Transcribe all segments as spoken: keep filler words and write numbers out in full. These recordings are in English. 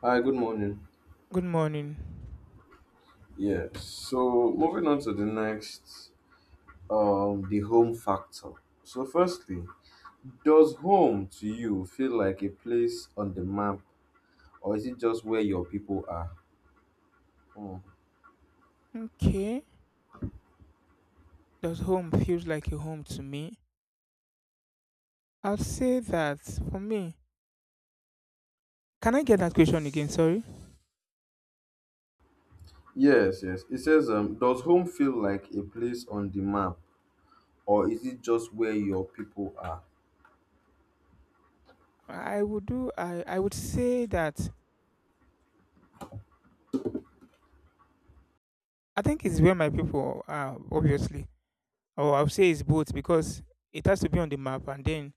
Hi, good morning. Good morning. Yeah, so moving on to the next, um, the home factor. So, firstly, does home to you feel like a place on the map, or is it just where your people are? Hmm. Okay, does home feels like a home to me? I'll say that for me. Can I get that question again? Sorry. Yes, yes. It says, um, does home feel like a place on the map, or is it just where your people are? I would do. I I would say that I think it's where my people are. Obviously, or I'll say it's both because it has to be on the map, and then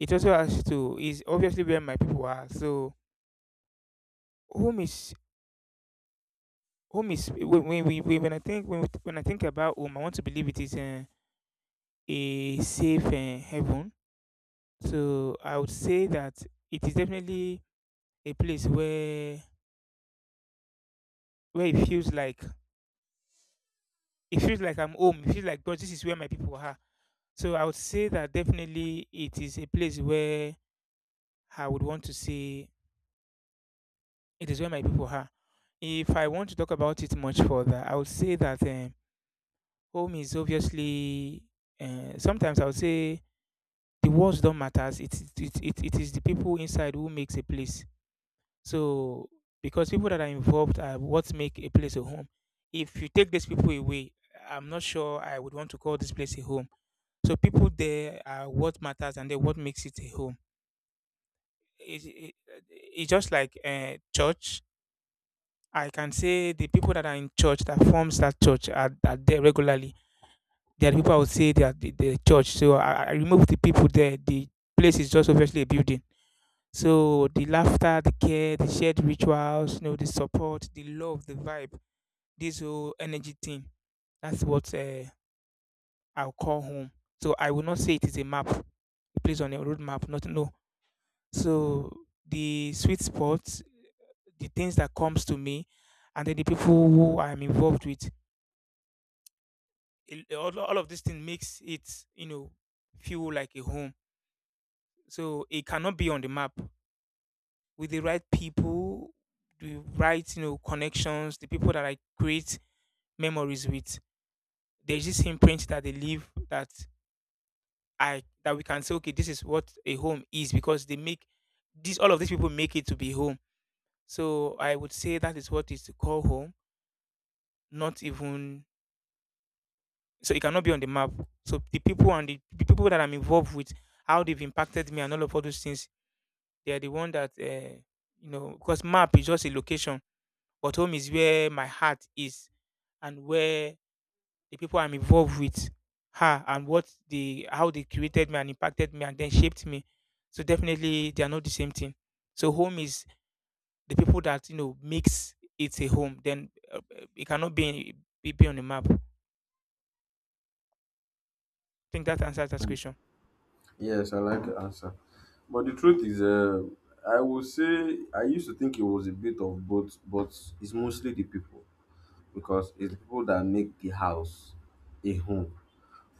it also has to is obviously where my people are. So home is home is when when we when when I think when we- when I think about home, I want to believe it is a, a safe uh, heaven. So I would say that it is definitely a place where where it feels like it feels like I'm home. It feels like God, this is where my people are. So I would say that definitely it is a place where I would want to say it is where my people are. If I want to talk about it much further, I would say that um, home is obviously. Uh, sometimes I would say the words don't matter. It, it, it, it is the people inside who makes a place. So because people that are involved are what make a place a home. If you take these people away, I'm not sure I would want to call this place a home. So people there are what matters and then what makes it a home. It, it, it's just like uh, church. I can say the people that are in church that forms that church are, are there regularly. There are people I would say they are the, the church. So I, I remove the people there. The place is just obviously a building. So the laughter, the care, the shared rituals, you know, the support, the love, the vibe, this whole energy thing. That's what uh, I'll call home. So I will not say it is a map, a place on a road map. Not no. So the sweet spots, the things that comes to me, and then the people who I'm involved with. it- All, all of this thing makes it, you know, feel like a home. So it cannot be on the map. With the right people, the right, you know, connections, the people that I create memories with, there's this imprint that they leave that I that we can say, okay, this is what a home is because they make these all of these people make it to be home. So I would say that is what is to call home, not even so it cannot be on the map. So the people and the, the people that I'm involved with, how they've impacted me and all of all those things, they are the one that uh, you know, because map is just a location, but home is where my heart is and where the people I'm involved with are and what they how they created me and impacted me and then shaped me. So definitely they are not the same thing. So home is the people that you know makes it a home. Then uh, uh, it cannot be be be on the map. I think that answers that question. Yes, I like the answer. But the truth is, uh, I will say I used to think it was a bit of both, but it's mostly the people, because it's the people that make the house a home.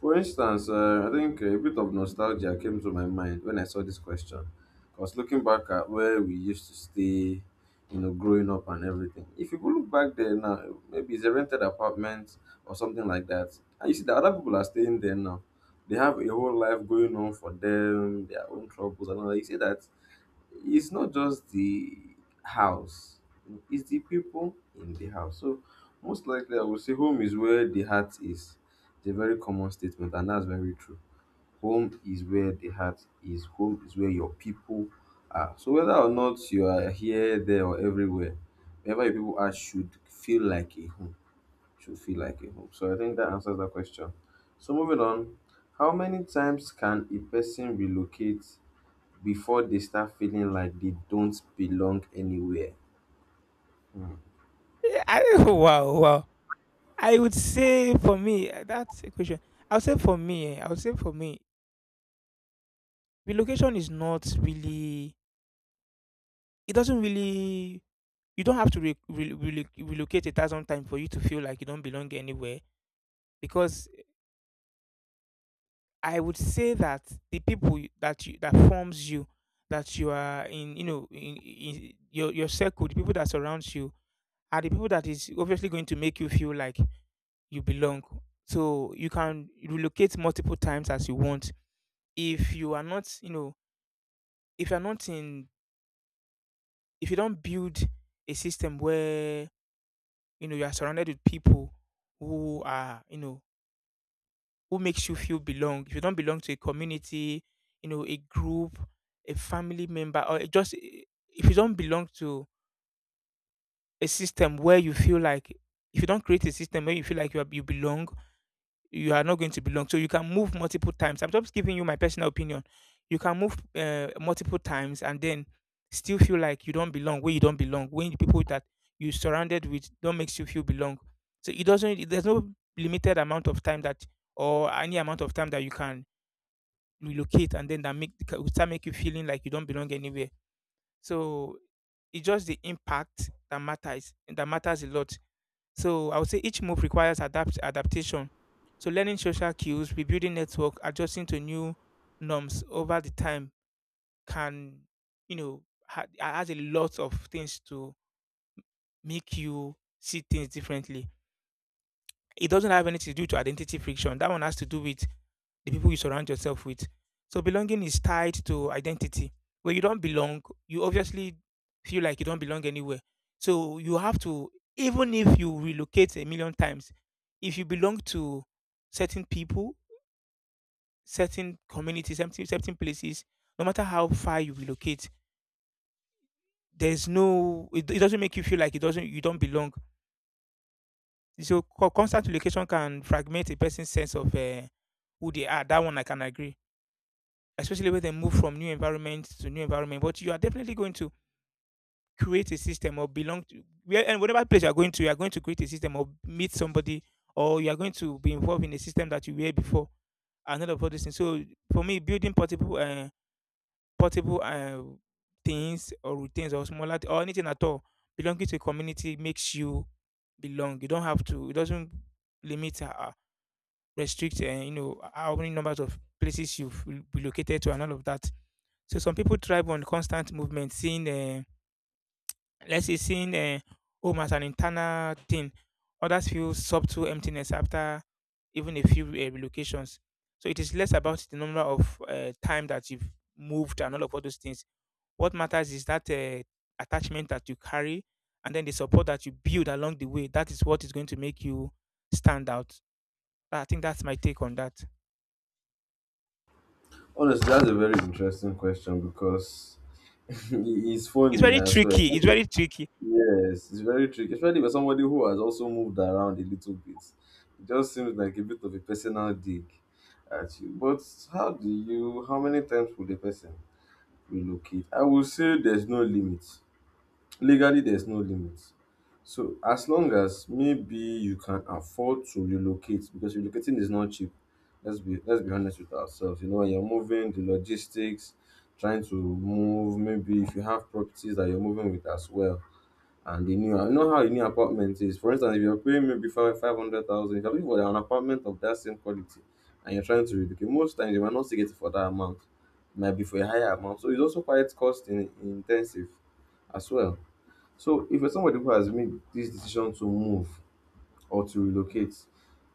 For instance, uh, I think a bit of nostalgia came to my mind when I saw this question, because looking back at where we used to stay, you know, growing up and everything. If you go look back there now, maybe it's a rented apartment or something like that. And you see that other people are staying there now. They have a whole life going on for them, their own troubles and all that. You see that it's not just the house, it's the people in the house. So most likely I would say home is where the heart is. It's a very common statement and that's very true. Home is where the heart is, home is where your people are. So whether or not you are here, there or everywhere, wherever your people are should feel like a home. Should feel like a home. So I think that answers that question. So moving on, how many times can a person relocate before they start feeling like they don't belong anywhere? Yeah, I, wow, wow. I would say for me uh, that's a question. I would say for me, eh, I would say for me, relocation is not really. It doesn't really. You don't have to re- re- relo- relocate a thousand times for you to feel like you don't belong anywhere because I would say that the people you- that you that forms you, that you are in, you know, in, in your your circle, the people that surrounds you are the people that is obviously going to make you feel like you belong. So you can relocate multiple times as you want. If you are not, you know, if you're not in, if you don't build a system where you know you are surrounded with people who are, you know, who makes you feel belong. If you don't belong to a community, you know, a group, a family member, or it just if you don't belong to a system where you feel like if you don't create a system where you feel like you are, you belong, you are not going to belong. So you can move multiple times. I'm just giving you my personal opinion. You can move uh, multiple times and then still feel like you don't belong where you don't belong. When the people that you surrounded with don't makes you feel belong. So it doesn't. There's no limited amount of time that or any amount of time that you can relocate and then that make will start make you feeling like you don't belong anywhere. So it's just the impact that matters that matters a lot. So I would say each move requires adapt adaptation. So learning social cues, rebuilding network, adjusting to new norms over the time can, you know, ha- has a lot of things to make you see things differently. It doesn't have anything to do to identity friction. That one has to do with the people you surround yourself with. So belonging is tied to identity. Where you don't belong, you obviously feel like you don't belong anywhere. So you have to, even if you relocate a million times, if you belong to certain people, certain communities, certain, certain places, no matter how far you relocate, there's no, it, it doesn't make you feel like it doesn't, you don't belong. So co- constant relocation can fragment a person's sense of uh, who they are. That one I can agree, especially when they move from new environment to new environment. But you are definitely going to create a system or belong to where and whatever place you are going to, you are going to create a system or meet somebody or you are going to be involved in a system that you were before and all of all these things. So for me, building portable uh, portable uh, things or routines or smaller th- or anything at all belonging to a community makes you belong. You don't have to. It doesn't limit uh, uh, restrict uh, you know how many numbers of places you've relocated to and all of that. So some people thrive on constant movement, seeing, uh, let's say, seeing uh, home as an internal thing. Others feel subtle emptiness after even a few uh, relocations. So it is less about the number of uh, time that you've moved and all of all those things. What matters is that uh, attachment that you carry and then the support that you build along the way. That is what is going to make you stand out. I think that's my take on that. Honestly, that's a very interesting question because it- it's It's funny very as well. tricky. It's very tricky. Yes, it's very tricky, especially for somebody who has also moved around a little bit. It just seems like a bit of a personal dig at you. But how do you, how many times would a person relocate? I would say there's no limit. Legally, there's no limit. So as long as maybe you can afford to relocate, because relocating is not cheap. Let's be let's be honest with ourselves. You know, when you're moving, the logistics, trying to move, maybe if you have properties that you're moving with as well, and the new, you know how a new apartment is. For instance, if you're paying maybe five five hundred thousand, if you're looking for an apartment of that same quality, and you're trying to relocate, most times you might not still get it for that amount. It might be for a higher amount, so it's also quite cost in, intensive as well. So if you're somebody who has made this decision to move or to relocate,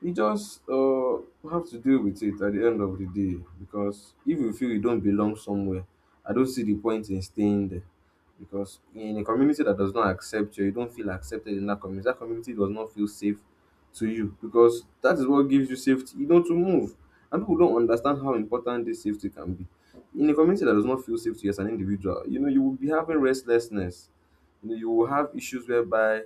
you just uh, have to deal with it at the end of the day, because if you feel you don't belong somewhere, I don't see the point in staying there. Because in a community that does not accept you, you don't feel accepted in that community. That community does not feel safe to you, because that is what gives you safety, you know, to move. And people don't understand how important this safety can be. In a community that does not feel safe to you as an individual, you know, you will be having restlessness. You know, you will have issues whereby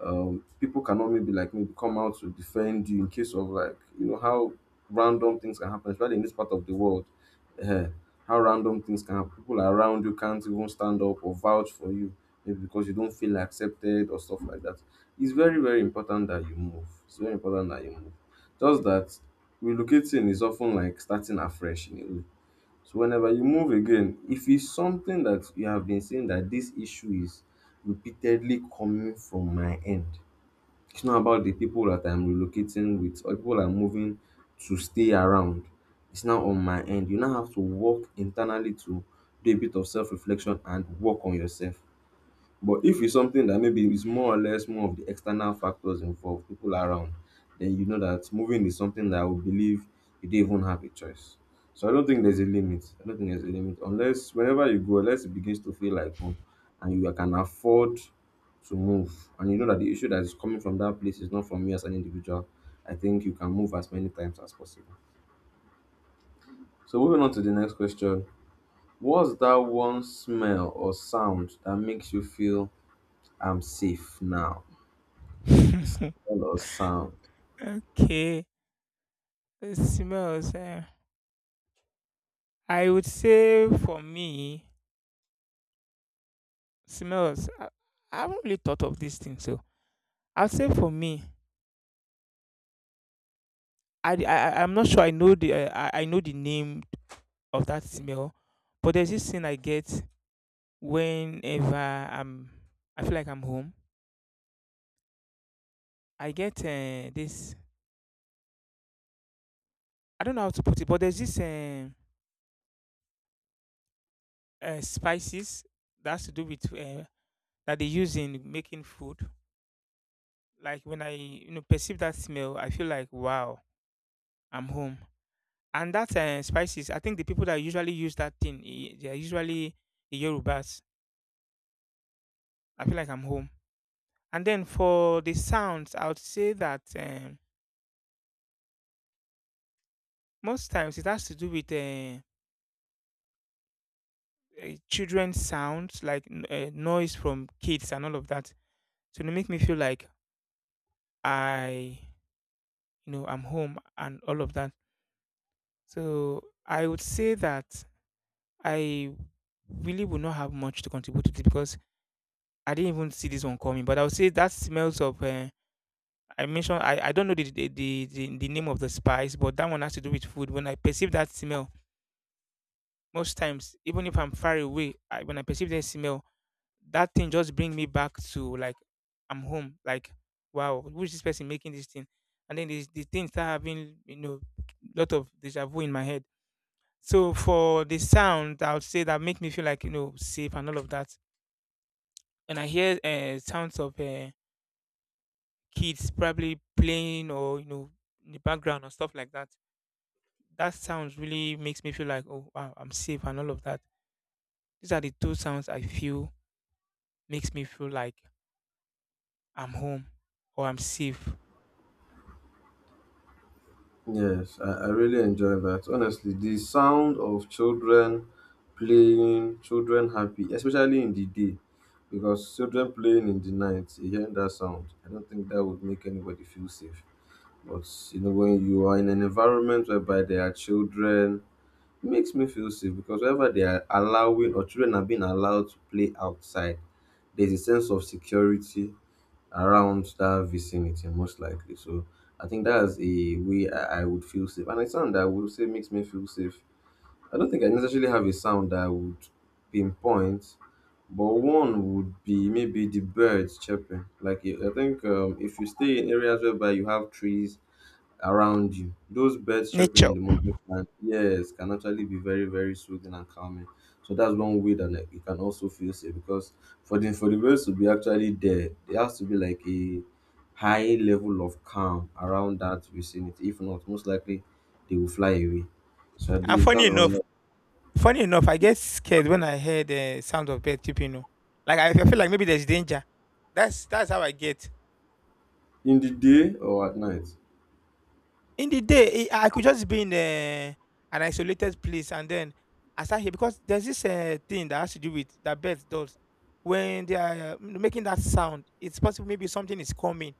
um, people cannot maybe like maybe come out to defend you in case of, like, you know how random things can happen, especially in this part of the world. eh, how random things can happen. People around you can't even stand up or vouch for you, maybe because you don't feel accepted or stuff like that. It's very very important that you move. It's very important that you move. Just that relocating is often like starting afresh in a way. So whenever you move again, if it's something that you have been saying that this issue is repeatedly coming from my end, it's not about the people that I'm relocating with or people I'm moving to stay around. It's now on my end. You now have to work internally to do a bit of self reflection and work on yourself. But if it's something that maybe is more or less more of the external factors involved, people around, then you know that moving is something that I would believe you didn't even have a choice. So I don't think there's a limit. I don't think there's a limit. Unless whenever you go, unless it begins to feel like home and you can afford to move and you know that the issue that is coming from that place is not from you as an individual, I think you can move as many times as possible. So moving on to the next question. What's that one smell or sound that makes you feel I'm safe now? Style or sound. Okay. It smells. Eh. I would say for me, smells. I, I haven't really thought of this thing, so I'll say for me, I I i I I- I'm not sure I know the uh, I, I know the name of that smell, but there's this thing I get whenever I'm I feel like I'm home. I get uh, this I don't know how to put it, but there's this uh, uh, spices that has to do with uh, that they use in making food. Like when I you know perceive that smell, I feel like wow, I'm home. And that uh, spices, I think the people that usually use that thing, i- they are usually the Yorubas. I feel like I'm home. And then for the sounds, I would say that um, most times it has to do with uh, uh, children's sounds, like n- uh, noise from kids and all of that. So they make me feel like I, you know, I'm home and all of that. So I would say that I really would not have much to contribute to this because I didn't even see this one coming. But I would say that smells of. Uh, I mentioned I, I don't know the the, the the the name of the spice, but that one has to do with food. When I perceive that smell, most times, even if I'm far away, I, when I perceive that smell, that thing just bring me back to like I'm home. Like wow, who is this person making this thing? And then the the thing start having you know lot of deja vu in my head. So for the sound, I would say that make me feel like you know safe and all of that. And I hear uh, sounds of uh, kids probably playing or you know in the background or stuff like that, that sound really makes me feel like, oh wow, I'm safe and all of that. These are the two sounds I feel makes me feel like I'm home or I'm safe. Yes, I, I really enjoy that. Honestly, the sound of children playing, children happy, especially in the day, because children playing in the night, you hear that sound. I don't think that would make anybody feel safe. But you know, when you are in an environment whereby there are children, it makes me feel safe because wherever they are allowing or children are being allowed to play outside, there's a sense of security around that vicinity most likely. So i think that's a way i, I would feel safe and a sound that I would say makes me feel safe. I don't think I necessarily have a sound that I would pinpoint, but one would be maybe the birds chirping. Like i I think um, if you stay in areas whereby you have trees around you. Those birds chirping in Nature. the morning can, yes, can actually be very, very soothing and calming. So that's one way that, like, you can also feel safe, because for the for the birds to be actually there, there has to be like a high level of calm around that vicinity. If not, most likely they will fly away. So at And least funny that's enough another. funny enough I get scared when I hear the sound of bird chirping. Oh, like i I feel like maybe there's danger. That's that's how I get. In the day or at night. In the day, eh, I could just be in eh, an isolated place, and then I start here because there's this uh, thing that has to do with that birds does. When they are uh, making that sound, it's possible maybe something is coming.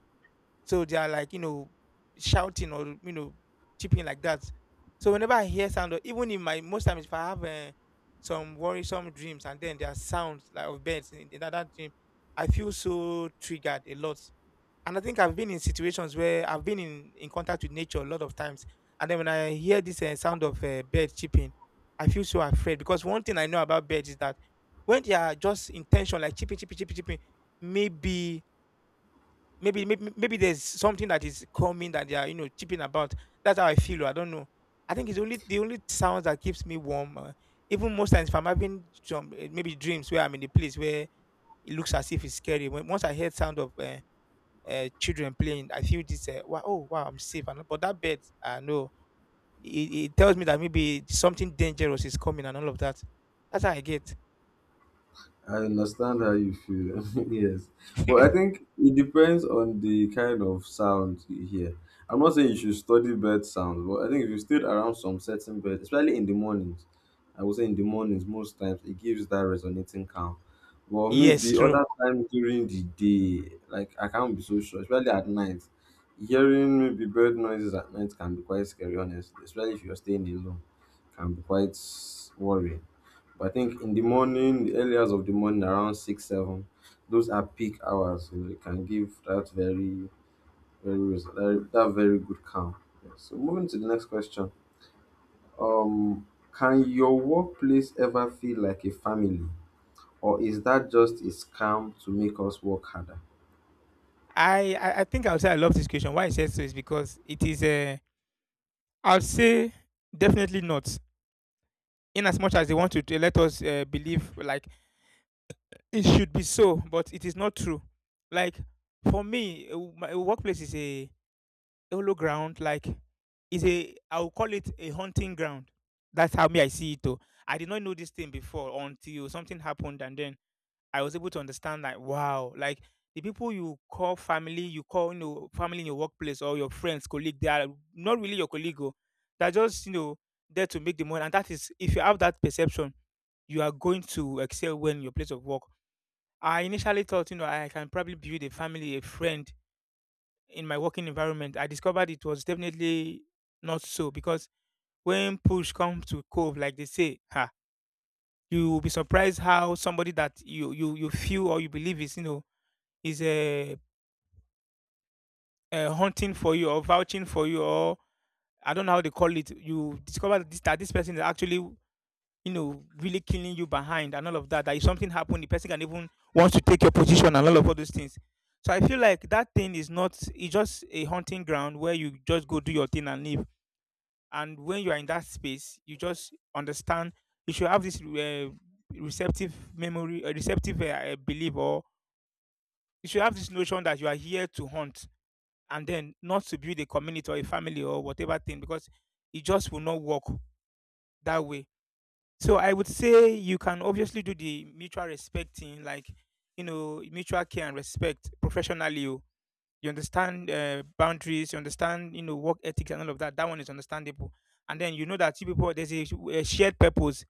So they are like, you know, shouting or, you know, chipping like that. So whenever I hear sound, or even in my most times, if I have uh, some worrisome dreams and then there are sounds like of birds in, in that dream, I feel so triggered a lot. And I think I've been in situations where I've been in, in contact with nature a lot of times. And then when I hear this uh, sound of uh, bird chirping, I feel so afraid, because one thing I know about birds is that when they are just intention, like chipping, chipping, chipping, chipping, maybe, Maybe, maybe maybe there's something that is coming that they are, you know, chipping about. That's how I feel. Oh, I don't know. I think it's only the only sound that keeps me warm. Uh, even most times, if I'm having some eh, maybe dreams where I'm in a place where it looks as if it's scary. When once I hear sound of uh, uh, children playing, I feel this. Uh, wow, oh wow, I'm safe. And but that bed, I know it, it tells me that maybe something dangerous is coming and all of that. That's how I get. I understand how you feel. Yes. But I think it depends on the kind of sound you hear. I'm not saying you should study bird sounds, but I think if you stayed around some certain birds, especially in the mornings, I would say in the mornings most times it gives that resonating calm. But Yes, maybe true. other times during the day, like I can't be so sure, especially at night. Hearing maybe bird noises at night can be quite scary, honestly, especially if you're staying alone. Can be quite worrying. But I think in the morning, the early hours of the morning, around six, seven, those are peak hours. You know, it can give that very, very res- that, that very good calm. Yeah. So moving to the next question. Um, can your workplace ever feel like a family, or is that just a scam to make us work harder? I, I I think I would say I love this question. Why I said so is because it is a, I'd say, definitely not. In as much as they want to, to let us uh, believe like it should be so, but it is not true. Like, for me, uh, my eh, workplace is a hollow ground. Like, is a, I will call it a hunting ground. That's how me I see it. Though I did not know this thing before until something happened, and then I was able to understand that, wow, like the people you call family, you call, you know, family in your workplace or your friends, colleague, they are not really your colleague. Oh, they're just, you know, there to make the money, and that is if you have that perception, you are going to excel when your place of work. I initially thought, you know, I can probably build a family, a friend in my working environment. I discovered it was definitely not so, because when push comes to cove, like they say, ha, you will be surprised how somebody that you you you feel or you believe is, you know, is uh, uh, hunting for you or vouching for you, or I don't know how they call it. You discover this, that this person is actually, you know, really killing you behind and all of that. That if something happened, the person can even want to take your position and all of all those things. So I feel like that thing is not. It's just a hunting ground where you just go do your thing and leave. And when you are in that space, you just understand. You should have this uh, receptive memory, a receptive uh, uh, belief, or you should have this notion that you are here to hunt and then not to build a community or a family or whatever thing, because it just will not work that way. So I would say you can obviously do the mutual respect thing, like, you know, mutual care and respect professionally. You, you understand uh, boundaries, you understand, you know, work ethics and all of that. That one is understandable, and then you know that you people there's a, a shared purpose.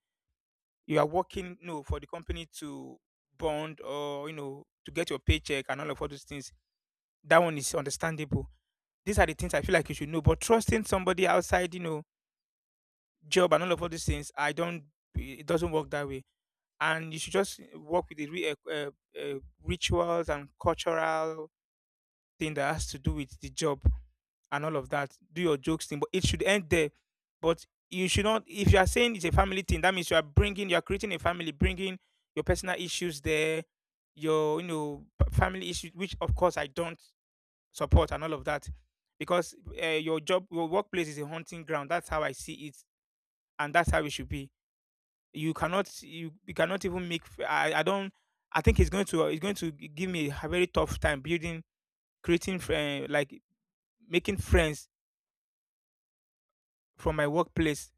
You are working, you know, for the company to bond, or you know, to get your paycheck and all of all those things. That one is understandable. These are the things I feel like you should know. But trusting somebody outside, you know, job and all of all these things, I don't. It doesn't work that way. And you should just work with the re- uh, uh, uh, rituals and cultural thing that has to do with the job and all of that. Do your jokes thing, but it should end there. But you should not. If you are saying it's a family thing, that means you are bringing, you are creating a family, bringing your personal issues there, your, you know, p- family issues, which of course I don't support and all of that, because uh, your job, your workplace is a hunting ground. That's how I see it, and that's how it should be. You cannot, you, you cannot even make f- I, I don't, I think it's going to, it's going to give me a very tough time building, creating fr- eh, like making friends from my workplace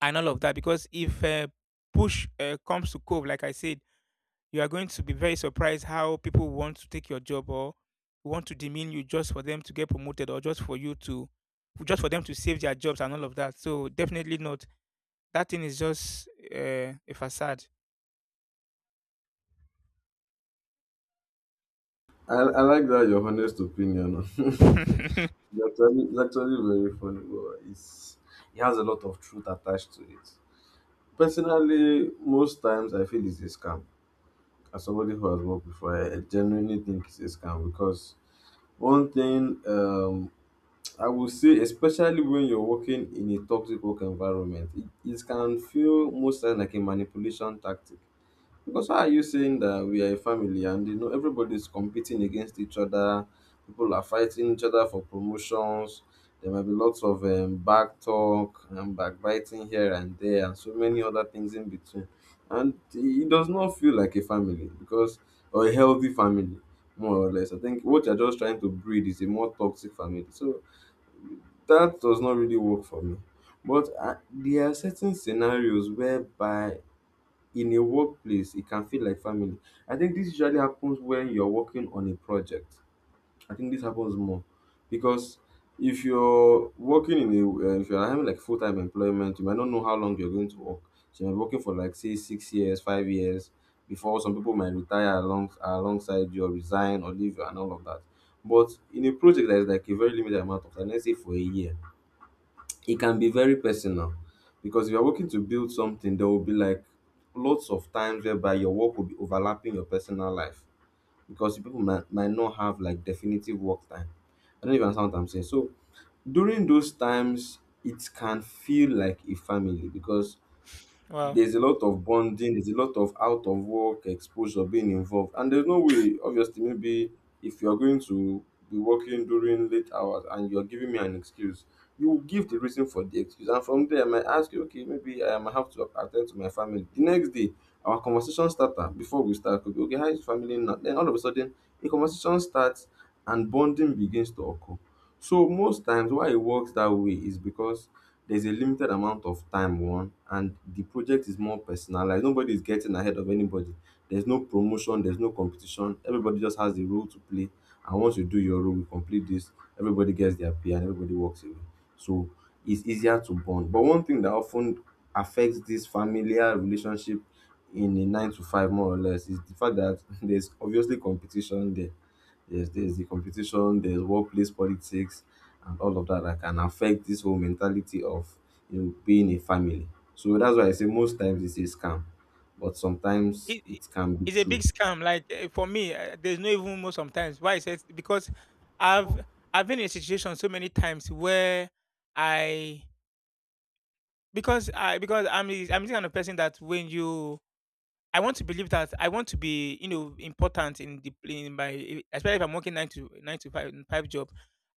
and all of that, because if uh, push uh, comes to cove, like I said, you are going to be very surprised how people want to take your job, or want to demean you just for them to get promoted, or just for you to, just for them to save their jobs and all of that. So definitely not. That thing is just uh, a facade. I, I like that, your honest opinion. It's actually, it's actually very funny, but it's it has a lot of truth attached to it. Personally, most times I feel it's a scam. As somebody who has worked before, I, I genuinely think it's a scam because one thing, um, I would say, especially when you're working in a toxic work environment, it, it can feel most times like a manipulation tactic. Because how are you saying that we are a family and you know everybody's competing against each other? People are fighting each other for promotions. There might be lots of um, back talk and backbiting here and there, and so many other things in between. And it does not feel like a family, because, or a healthy family, more or less. I think what you're just trying to breed is a more toxic family. So that does not really work for me. But uh, there are certain scenarios whereby in a workplace, it can feel like family. I think this usually happens when you're working on a project. I think this happens more because if you're working in a, uh, if you're having like full time employment, you might not know how long you're going to work. So you're working for like say six years, five years before some people might retire along alongside you or resign or leave and all of that. But in a project that is like a very limited amount of time, let's say for a year, it can be very personal because if you're working to build something, there will be like lots of times whereby your work will be overlapping your personal life because people might, might not have like definitive work time. I don't even understand what I'm saying. So during those times, it can feel like a family because Wow. there's a lot of bonding, there's a lot of out of work exposure being involved. And there's no way, obviously, maybe if you're going to be working during late hours and you're giving me an excuse, you will give the reason for the excuse. And from there, I might ask you, okay, maybe I might have to attend to my family. The next day, our conversation starter, before we start, could be, okay, how is family now? Then all of a sudden, a conversation starts and bonding begins to occur. So most times why it works that way is because there's a limited amount of time one, and the project is more personalized. Nobody is getting ahead of anybody, there's no promotion, there's no competition. Everybody just has a role to play, and once you do your role, you complete this, everybody gets their pay and everybody walks away. So it's easier to bond, but one thing that often affects this familiar relationship in a nine to five, more or less, is the fact that there's obviously competition there. Yes, there's the competition, there's workplace politics and all of that that can affect this whole mentality of you know being a family. So that's why I say most times it's a scam, but sometimes It, it- it can be it's a big true. scam. Like, eh, for me, eh, there's no even more sometimes. Why? It's because I've I've been in a situation so many times where I because I, because I'm the- I'm this kind of person that when you, I want to believe that I want to be, you know, important in the in my, especially if I'm working nine to nine to five five job.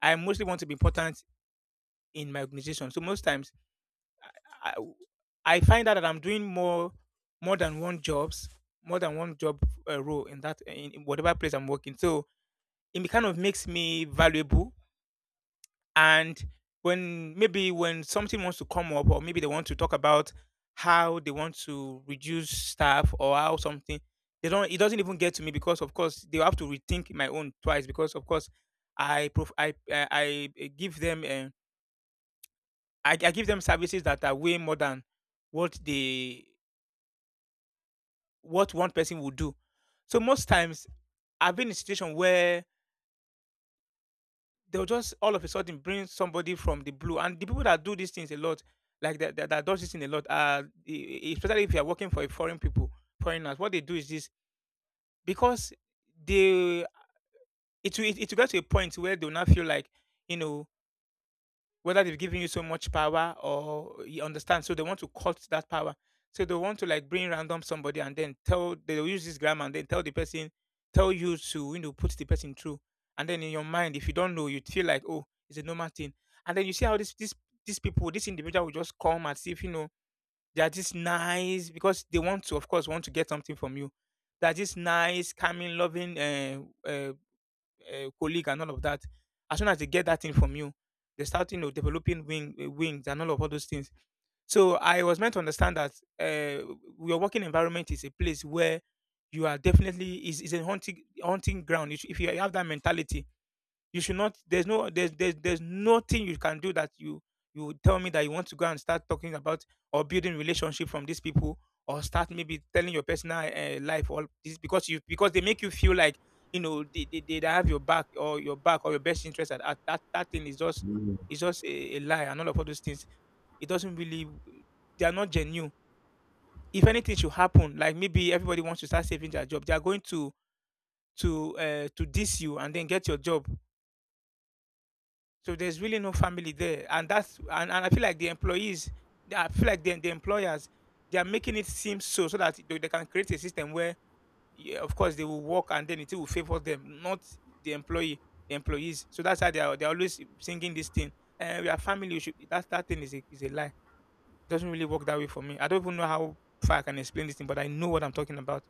I mostly want to be important in my organization. So most times I I find out that I'm doing more, more than one jobs, more than one job uh, role in that in, in whatever place I'm working. So it kind of makes me valuable. And when maybe when something wants to come up, or maybe they want to talk about how they want to reduce staff, or how something, they don't, it doesn't even get to me, because of course they have to rethink my own twice, because of course i prof- I, I i give them uh, I, I give them services that are way more than what they, what one person would do. So most times I've been in a situation where they'll just all of a sudden bring somebody from the blue. And the people that do these things a lot, like that, that, that does this thing a lot, uh, e- e- especially if you are working for a foreign people, foreigners, what they do is this, because they, it will, it, it will get to a point where they'll not feel like, you know, whether they've given you so much power or you understand, so they want to cut that power. So they want to like bring random somebody and then tell, they'll use this grammar, and then tell the person, tell you to, you know, put the person through. And then in your mind, if you don't know, you feel like, oh, it's a normal thing. And then you see how this this these people, this individual will just come as if, you know, they are just nice, because they want to, of course, want to get something from you. They're just nice, calming, loving, uh, uh uh, colleague and all of that. As soon as they get that thing from you, they start, you know, developing wing, uh, wings and all of all those things. So I was meant to understand that, uh, your working environment is a place where you are definitely is, is a hunting hunting ground. If if you have that mentality, you should not. There's no. There's there's there's nothing you can do, that you you would tell me that you want to go and start talking about or building relationship from these people, or start maybe telling your personal uh, life all this, because you, because they make you feel like, you know, they, they, they have your back or your back or your best interest at, at that, that thing is just, Mm. is just a, a lie and all of all those things. It doesn't really, they are not genuine. If anything should happen, like maybe everybody wants to start saving their job, they are going to, to uh, to diss you and then get your job. So there's really no family there, and that's, and, and I feel like the employees, they- I feel like the the employers, they are making it seem so, so that they, they can create a system where, yeah, of course, they will work, and then it will favor them, not the employee, the employees. So that's how they are. They're always singing this thing. And we are family. You should. That that thing is a, is a lie. It doesn't really work that way for me. I don't even know how far I can explain this thing, but I know what I'm talking about.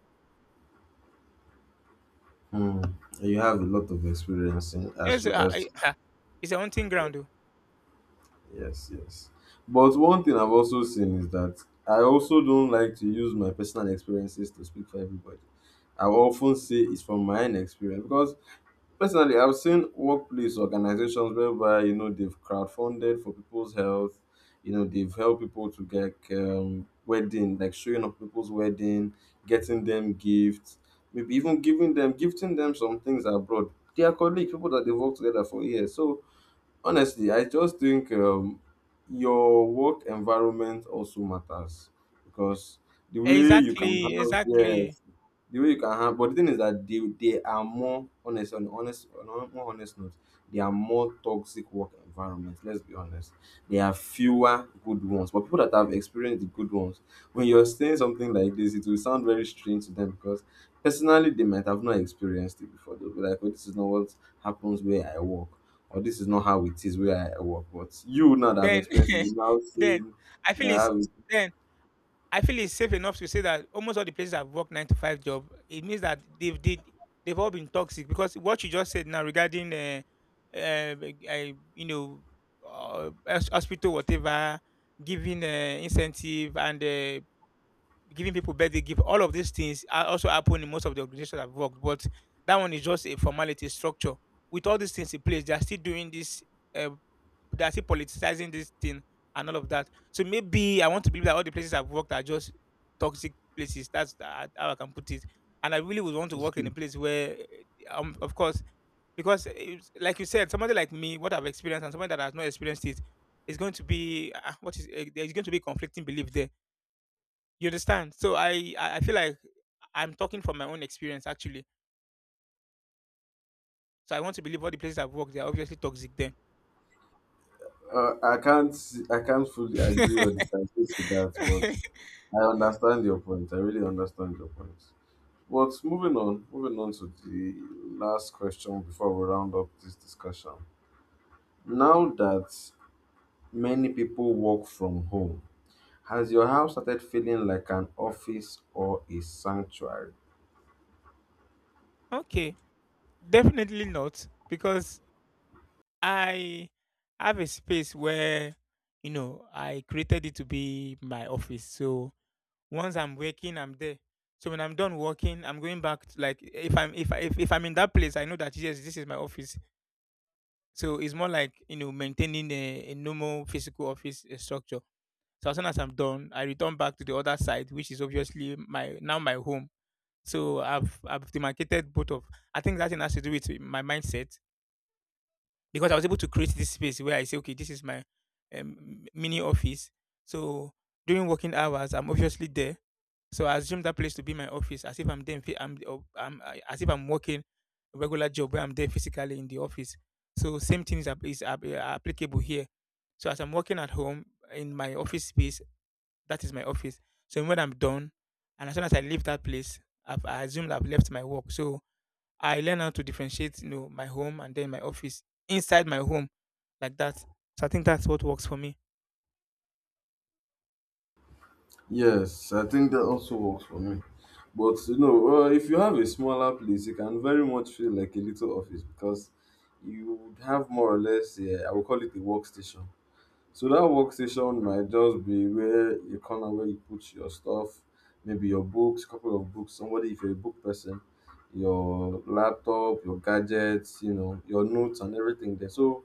Mm. You have a lot of experience in as Yes, regards. I, I, it's a hunting ground. Though. Yes, yes. But one thing I've also seen is that I also don't like to use my personal experiences to speak for everybody. I often say it's from my own experience because personally, I've seen workplace organizations whereby you know they've crowdfunded for people's health. You know they've helped people to get um, wedding, like showing up people's wedding, getting them gifts, maybe even giving them gifting them some things abroad. They are colleagues, people that they work together for years. So honestly i just think um, your work environment also matters because the way you can Exactly, handle, exactly. yes, the way you can handle. But the thing is that they, they are more honest, on honest, on a more honest note, they are more toxic work environments, let's be honest. There are fewer good ones, but people that have experienced the good ones, when you're saying something like this it will sound very strange to them because personally they might have not experienced it before. They'll be like, oh, this is not what happens where I work, or this is not how it is where I work. But you now that have Then experienced it, you now then saying I feel that I it's, have it. then I feel it's safe enough to say that almost all the places I've worked nine to five job, it means that they've did they've all been toxic, because what you just said now regarding uh, uh, I you know uh, hos- hospital, whatever, giving uh, incentive and uh, giving people birthday gift, all of these things are also happen in most of the organizations I've worked. But that one is just a formality structure. With all these things in place, they are still doing this, uh, they're still politicizing this thing and all of that. So maybe I want to believe that all the places I've worked are just toxic places. That's tha- how I can put it. And I really would want to work in a place where, eh, um, of course, because it's, like you said, somebody like me, what I've experienced, and somebody that has not experienced it, is going to be, ah, what is, eh, there is going to be conflicting belief there. You understand? So I I I feel like I'm talking from my own experience actually. So I want to believe all the places I've worked, they're obviously toxic. Then Uh, I can't I can't fully agree or disagree to that, but I understand your point. I really understand your point. But moving on, moving on to the last question before we round up this discussion. Now that many people work from home, has your house started feeling like an office or a sanctuary? okay, definitely not, because I have a space where, you know, I created it to be my office. So once I'm working, I'm there. So when I'm done working, I'm going back. To, like, if I'm if, I- if if I'm in that place, I know that, yes, this is my office. So it's more like, you know, maintaining a, a normal physical office uh, structure. So as soon as I'm done, I return back to the other side, which is obviously my now my home. So I've I've demarcated both of. I think that thing has to do with my mindset, because I was able to create this space where I say, okay, this is my um, mini office. So during working hours, I'm obviously there. So I assume that place to be my office, as if I'm there. In phy- I'm, uh, I'm uh, as if I'm working a regular job where I'm there physically in the office. So same thing is, app- is app- uh, applicable here. So as I'm working at home in my office space, that is my office. So when I'm done, and as soon as I leave that place, I've, I assume I've left my work. So I learn how to differentiate, you know, my home and then my office inside my home like that. So I think that's what works for me. Yes, I think that also works for me. But you know, uh, if you have a smaller place, it can very much feel like a little office because you would have more or less, yeah, I would call it a workstation. So that workstation might just be where a corner where you put your stuff, maybe your books, couple of books. Somebody, if you're a book person, your laptop, your gadgets, you know, your notes and everything there. So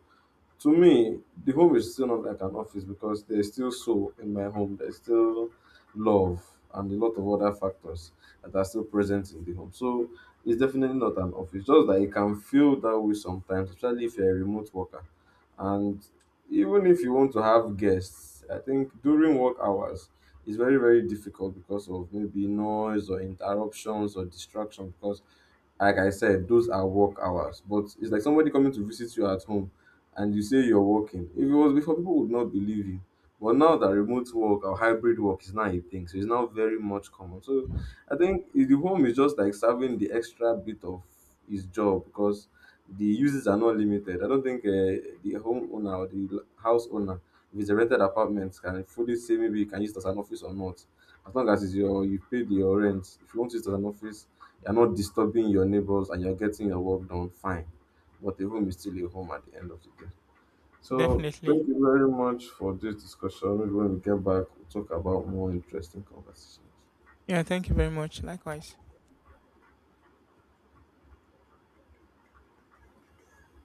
to me, the home is still not like an office because there's still soul in my home. There's still love and a lot of other factors that are still present in the home. So it's definitely not an office. Just that it can feel that way sometimes, especially if you're a remote worker. And even if you want to have guests, I think during work hours it's very, very difficult because of maybe noise or interruptions or distraction because like I said, those are work hours. But it's like somebody coming to visit you at home and you say you're working. If it was before, people would not believe you. But now that remote work or hybrid work is now a thing, so it's now very much common. So I think i- the home is just like serving the extra bit of his job because the uses are not limited. I don't think uh, the homeowner or the l- house owner, if it's a rented apartment, can fully say maybe you can use it as an office or not. As long as it's your you paid your rent, if you want to use it as an office, you're not disturbing your neighbors and you're getting your work done fine. But a home is still a home at the end of the day. So Definitely. thank you very much for this discussion. Maybe when we get back, we'll talk about more interesting conversations. Yeah, thank you very much. Likewise.